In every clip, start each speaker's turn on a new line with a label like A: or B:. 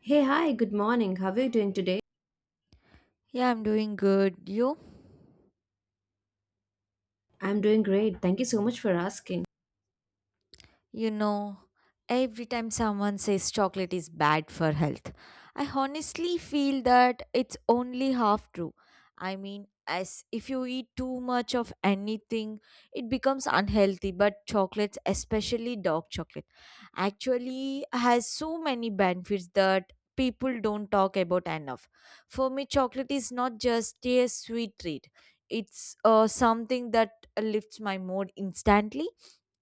A: Hey, hi, good morning. How are you doing today?
B: Yeah, I'm doing good. You?
A: I'm doing great. Thank you so much for asking.
B: You know, every time someone says chocolate is bad for health, I honestly feel that it's only half true. I mean, as if you eat too much of anything, it becomes unhealthy. But chocolates, especially dark chocolate, actually has so many benefits that people don't talk about enough. For me, chocolate is not just a sweet treat. It's something that lifts my mood instantly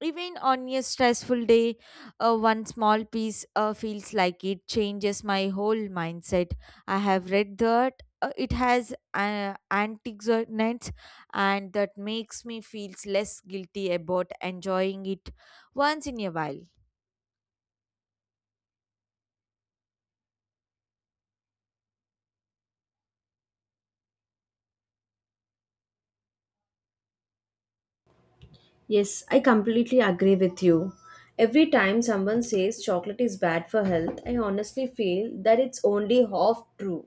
B: even on a stressful day. One small piece feels like it changes my whole mindset. I have read that it has antioxidants, and that makes me feel less guilty about enjoying it once in a while.
A: Yes, I completely agree with you. Every time someone says chocolate is bad for health, I honestly feel that it's only half true.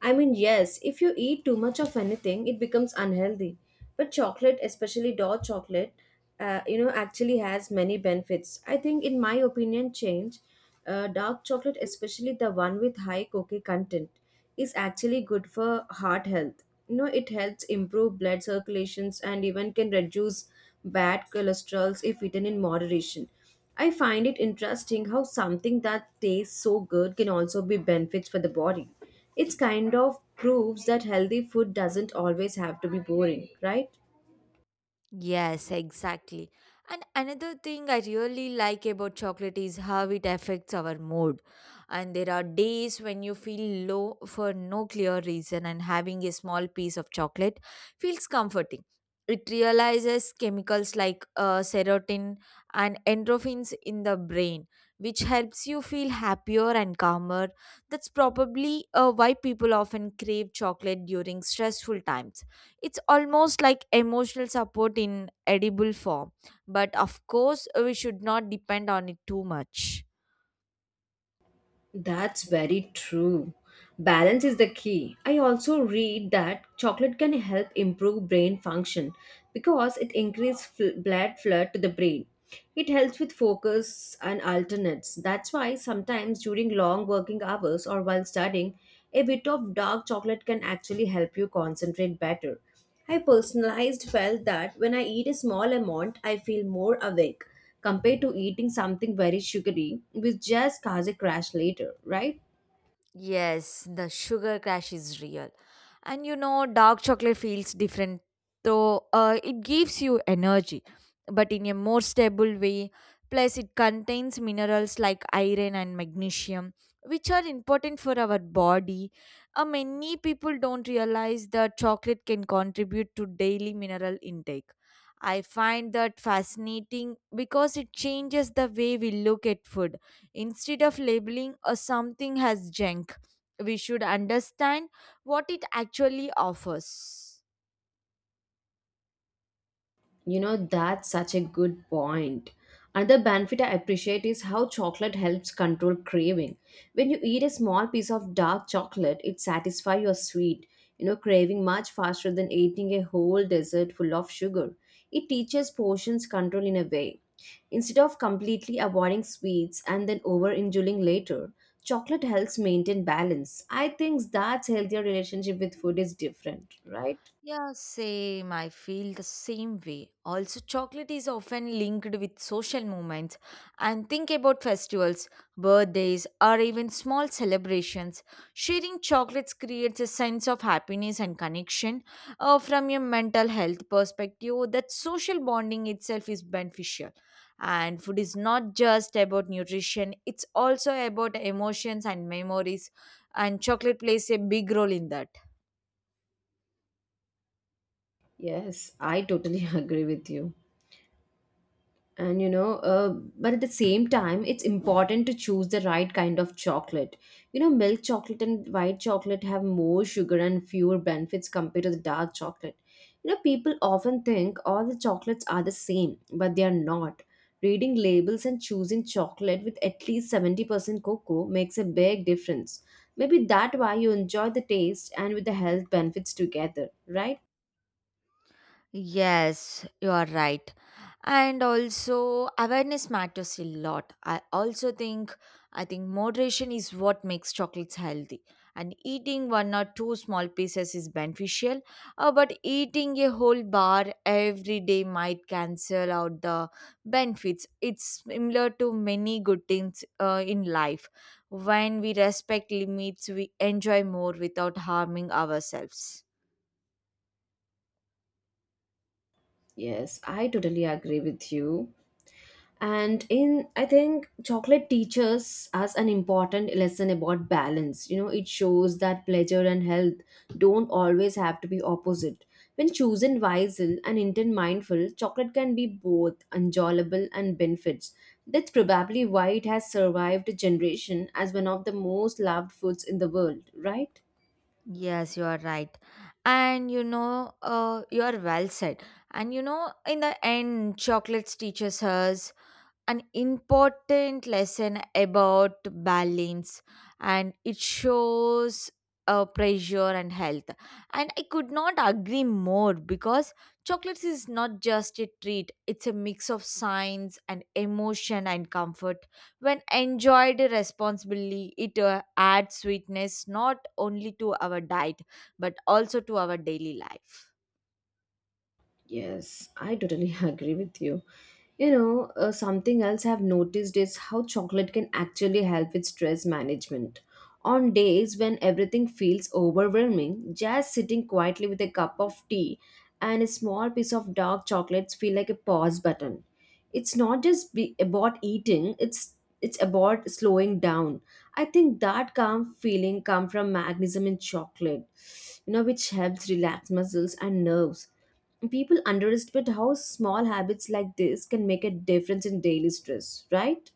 A: I mean, yes, if you eat too much of anything, it becomes unhealthy. But chocolate, especially dark chocolate, you know, actually has many benefits. I think, in my opinion, change. Dark chocolate, especially the one with high cocoa content, is actually good for heart health. You know, it helps improve blood circulations and even can reduce bad cholesterols if eaten in moderation. I find it interesting how something that tastes so good can also be benefits for the body. It's kind of proves that healthy food doesn't always have to be boring, right?
B: Yes, exactly. And another thing I really like about chocolate is how it affects our mood. And there are days when you feel low for no clear reason, and having a small piece of chocolate feels comforting. It realizes chemicals like serotonin and endorphins in the brain, which helps you feel happier and calmer. That's probably why people often crave chocolate during stressful times. It's almost like emotional support in edible form, but of course, we should not depend on it too much.
A: That's very true. Balance is the key. I also read that chocolate can help improve brain function because it increases blood flow to the brain. It helps with focus and alternates. That's why sometimes during long working hours or while studying, a bit of dark chocolate can actually help you concentrate better. I personalized felt that when I eat a small amount, I feel more awake compared to eating something very sugary, which just cause a crash later, right?
B: Yes, the sugar crash is real. And you know, dark chocolate feels different, though it gives you energy, but in a more stable way. Plus, it contains minerals like iron and magnesium, which are important for our body. Many people don't realize that chocolate can contribute to daily mineral intake. I find that fascinating because it changes the way we look at food. Instead of labeling a something as junk, we should understand what it actually offers.
A: You know, that's such a good point. Another benefit I appreciate is how chocolate helps control craving. When you eat a small piece of dark chocolate, it satisfies your sweet, you know, craving much faster than eating a whole dessert full of sugar. It teaches portions control in a way. Instead of completely avoiding sweets and then overindulging later, chocolate helps maintain balance. I think that's healthier relationship with food is different, right?
B: Yeah, same. I feel the same way. Also, chocolate is often linked with social movements and think about festivals, birthdays, or even small celebrations. Sharing chocolates creates a sense of happiness and connection. From your mental health perspective, that social bonding itself is beneficial. And food is not just about nutrition, it's also about emotions and memories, and chocolate plays a big role in that.
A: Yes, I totally agree with you. And you know, but at the same time it's important to choose the right kind of chocolate. You know, milk chocolate and white chocolate have more sugar and fewer benefits compared to the dark chocolate. You know, people often think all the chocolates are the same, but they are not. Reading labels and choosing chocolate with at least 70% cocoa makes a big difference. Maybe that's why you enjoy the taste and with the health benefits together, right?
B: Yes, you are right. And also awareness matters a lot. I think moderation is what makes chocolates healthy. And eating one or two small pieces is beneficial, but eating a whole bar every day might cancel out the benefits. It's similar to many good things in life. When we respect limits, we enjoy more without harming ourselves.
A: Yes, I totally agree with you. And in I think chocolate teaches us an important lesson about balance. You know, it shows that pleasure and health don't always have to be opposite. When chosen wisely and intent mindful, chocolate can be both enjoyable and benefits. That's probably why it has survived a generation as one of the most loved foods in the world, right?
B: Yes, you are right. And you know, you are well said. And you know, in the end, chocolates teaches us an important lesson about balance, and it shows pressure and health, and I could not agree more because chocolates is not just a treat, it's a mix of science and emotion and comfort. When enjoyed responsibly, it adds sweetness not only to our diet but also to our daily life.
A: Yes, I totally agree with you. You know, something else I've noticed is how chocolate can actually help with stress management. On days when everything feels overwhelming, just sitting quietly with a cup of tea and a small piece of dark chocolates feel like a pause button. It's not just be about eating, it's about slowing down. I think that calm feeling comes from magnesium in chocolate, you know, which helps relax muscles and nerves. People underestimate how small habits like this can make a difference in daily stress, right?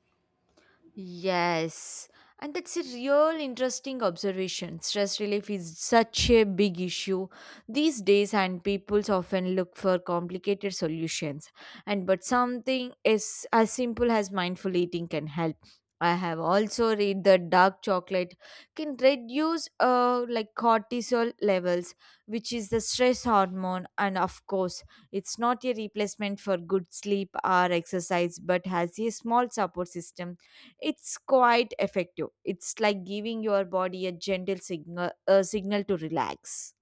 B: Yes, and that's a real interesting observation. Stress relief is such a big issue these days, and people often look for complicated solutions. And but something is as simple as mindful eating can help. I have also read that dark chocolate can reduce like cortisol levels, which is the stress hormone. And of course, it's not a replacement for good sleep or exercise, but has a small support system it's quite effective. It's like giving your body a gentle signal, a signal to relax.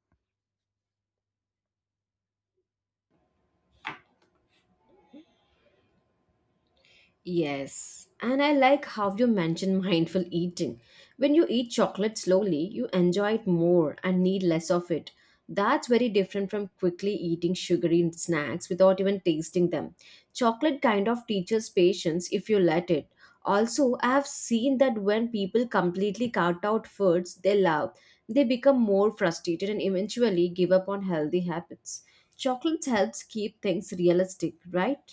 A: Yes, and I like how you mention mindful eating. When you eat chocolate slowly, you enjoy it more and need less of it. That's very different from quickly eating sugary snacks without even tasting them. Chocolate kind of teaches patience if you let it. Also, I have seen that when people completely cut out foods they love, they become more frustrated and eventually give up on healthy habits. Chocolate helps keep things realistic, right?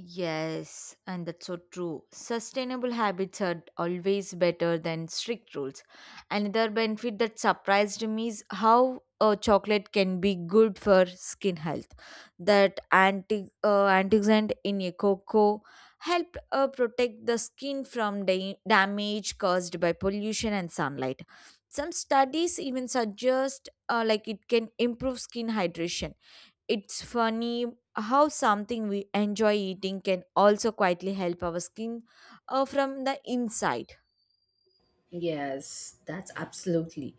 B: Yes, and that's so true. Sustainable habits are always better than strict rules. Another benefit that surprised me is how chocolate can be good for skin health. That antioxidant in a cocoa help protect the skin from damage caused by pollution and sunlight. Some studies even suggest like it can improve skin hydration. It's funny how something we enjoy eating can also quietly help our skin from the inside.
A: Yes, that's absolutely.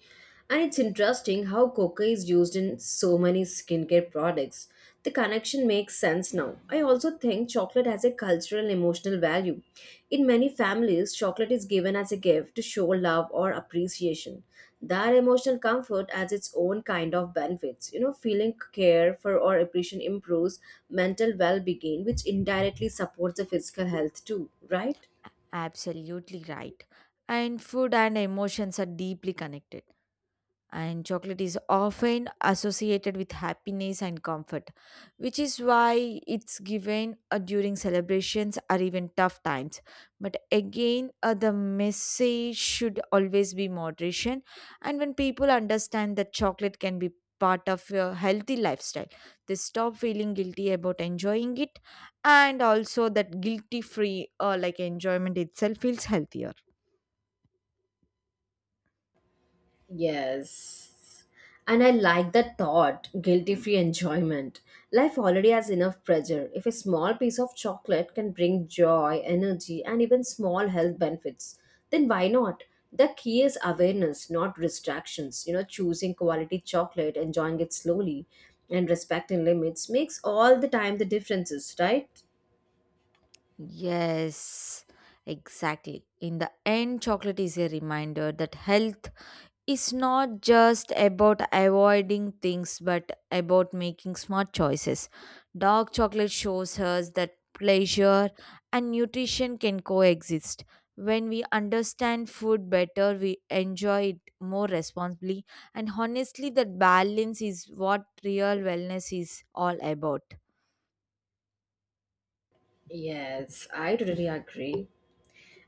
A: And it's interesting how coca is used in so many skincare products. The connection makes sense now. I also think chocolate has a cultural and emotional value. In many families, chocolate is given as a gift to show love or appreciation. That emotional comfort has its own kind of benefits. You know, feeling care for or appreciation improves mental well-being, which indirectly supports the physical health too, right?
B: Absolutely right. And food and emotions are deeply connected. And chocolate is often associated with happiness and comfort, which is why it's given during celebrations or even tough times. But again, the message should always be moderation. And when people understand that chocolate can be part of your healthy lifestyle, they stop feeling guilty about enjoying it. And also that guilty free like enjoyment itself feels healthier.
A: Yes. And I like the thought, guilty free enjoyment. Life already has enough pressure. If a small piece of chocolate can bring joy, energy, and even small health benefits, then why not? The key is awareness, not distractions. You know, choosing quality chocolate, enjoying it slowly, and respecting limits makes all the time the differences, right?
B: Yes, exactly. In the end, chocolate is a reminder that health is not just about avoiding things but about making smart choices. Dark chocolate shows us that pleasure and nutrition can coexist. When we understand food better, we enjoy it more responsibly, and honestly, that balance is what real wellness is all about.
A: Yes, I totally agree.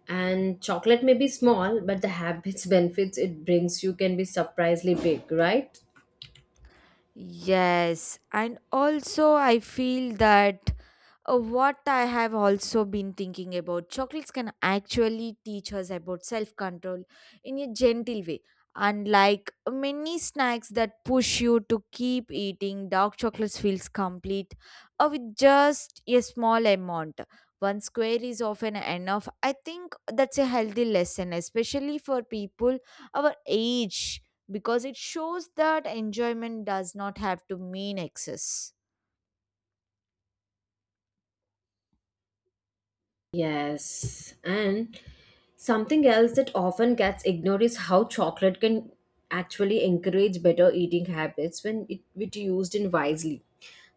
A: And chocolate may be small, but the habits benefits it brings you can be surprisingly big, right?
B: Yes, and also I feel that what I have also been thinking about chocolates can actually teach us about self control in a gentle way. Unlike many snacks that push you to keep eating, dark chocolates feels complete with just a small amount. One square is often enough. I think that's a healthy lesson, especially for people our age, because it shows that enjoyment does not have to mean excess.
A: Yes. And something else that often gets ignored is how chocolate can actually encourage better eating habits when it used in wisely.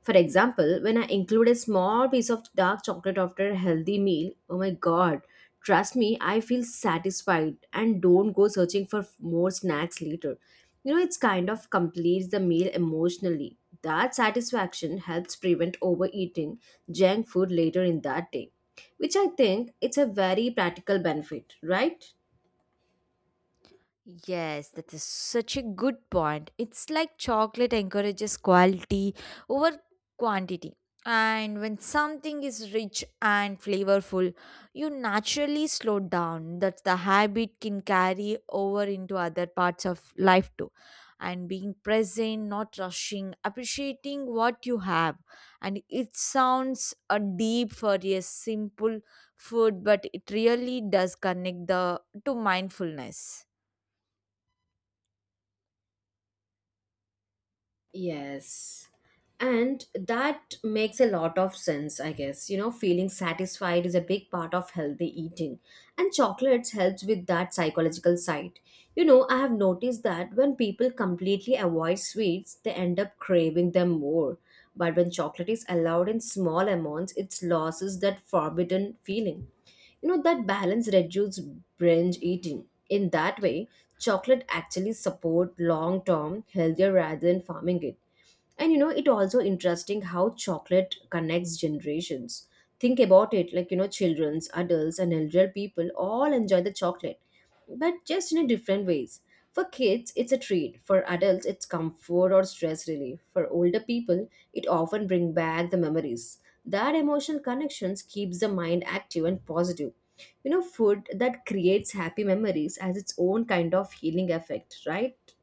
A: For example, when I include a small piece of dark chocolate after a healthy meal, oh my god, trust me, I feel satisfied and don't go searching for more snacks later. You know, it's kind of completes the meal emotionally. That satisfaction helps prevent overeating junk food later in that day, which I think it's a very practical benefit, right?
B: Yes, that is such a good point. It's like chocolate encourages quality over quantity. And when something is rich and flavorful, you naturally slow down. That's the habit can carry over into other parts of life too. And being present, not rushing, appreciating what you have. And it sounds a deep for a simple food, but it really does connect the to mindfulness.
A: Yes. And that makes a lot of sense, I guess. You know, feeling satisfied is a big part of healthy eating, and chocolates helps with that psychological side. You know, I have noticed that when people completely avoid sweets, they end up craving them more. But when chocolate is allowed in small amounts, it loses that forbidden feeling. You know, that balance reduces binge eating. In that way, chocolate actually support long term healthier rather than farming it. And you know, it also interesting how chocolate connects generations. Think about it, like, you know, children's adults and elder people all enjoy the chocolate, but just in a different ways. For kids it's a treat, for adults it's comfort or stress relief, for older people it often bring back the memories. That emotional connections keeps the mind active and positive. You know, food that creates happy memories has its own kind of healing effect, right?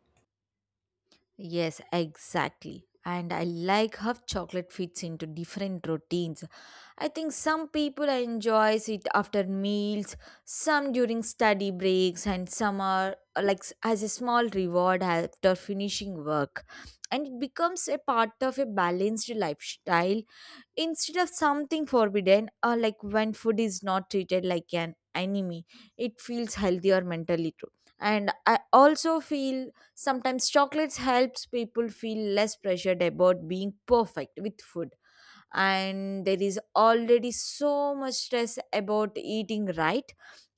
B: Yes, exactly. And I like how chocolate fits into different routines. I think some people enjoys it after meals, some during study breaks, and some are as a small reward after finishing work. And it becomes a part of a balanced lifestyle instead of something forbidden. Or like, when food is not treated like an enemy, it feels healthier mentally too. And I also feel sometimes chocolates helps people feel less pressured about being perfect with food. And there is already so much stress about eating right,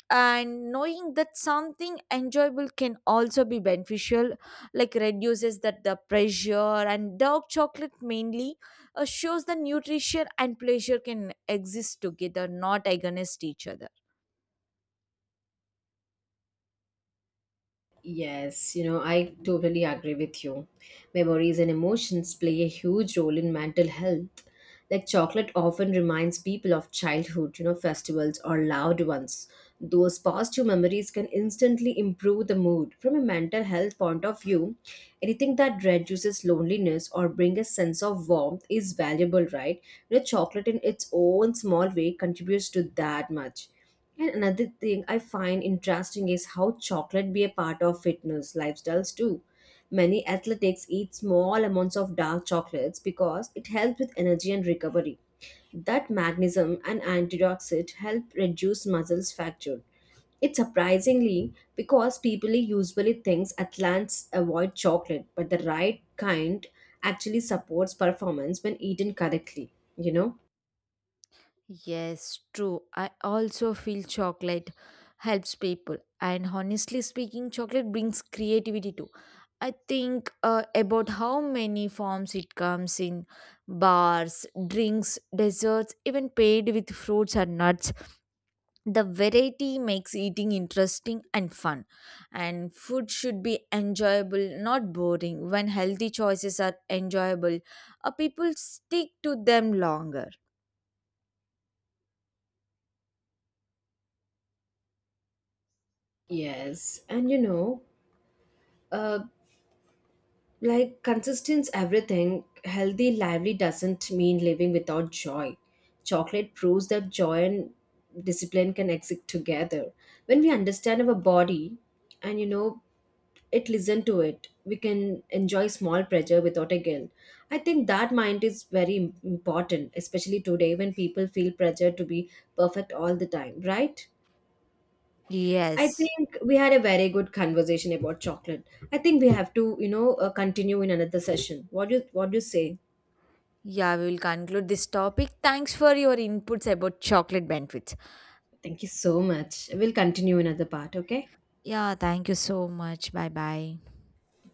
B: and knowing that something enjoyable can also be beneficial like reduces that the pressure. And dark chocolate mainly shows the nutrition and pleasure can exist together, not against each other.
A: Yes, you know, I totally agree with you. Memories and emotions play a huge role in mental health. Like chocolate often reminds people of childhood, you know, festivals or loved ones. Those positive memories can instantly improve the mood. From a mental health point of view, anything that reduces loneliness or brings a sense of warmth is valuable, right? You know, chocolate in its own small way contributes to that much. And another thing I find interesting is how chocolate be a part of fitness lifestyles too. Many athletes eat small amounts of dark chocolates because it helps with energy and recovery. That magnesium and antioxidant help reduce muscles fracture. It's surprisingly because people usually think athletes avoid chocolate, but the right kind actually supports performance when eaten correctly, you know?
B: Yes, true. I also feel chocolate helps people. And honestly speaking, chocolate brings creativity too. I think about how many forms it comes in: bars, drinks, desserts, even paid with fruits or nuts. The variety makes eating interesting and fun. And food should be enjoyable, not boring. When healthy choices are enjoyable, people stick to them longer.
A: Yes, and you know, uh, like consistency, everything, healthy lively doesn't mean living without joy. Chocolate proves that joy and discipline can exist together. When we understand our body, and you know it listen to it, we can enjoy small pleasure without a guilt. I think that mind is very important, especially today when people feel pressure to be perfect all the time, right? I
B: Yes.
A: think we had a very good conversation about chocolate. I think we have to, you know, continue in another session. What do you say?
B: Yeah, we will conclude this topic. Thanks for your inputs about chocolate benefits.
A: Thank you so much. We'll continue another part, okay?
B: Yeah, thank you so much. Bye bye.
A: Bye.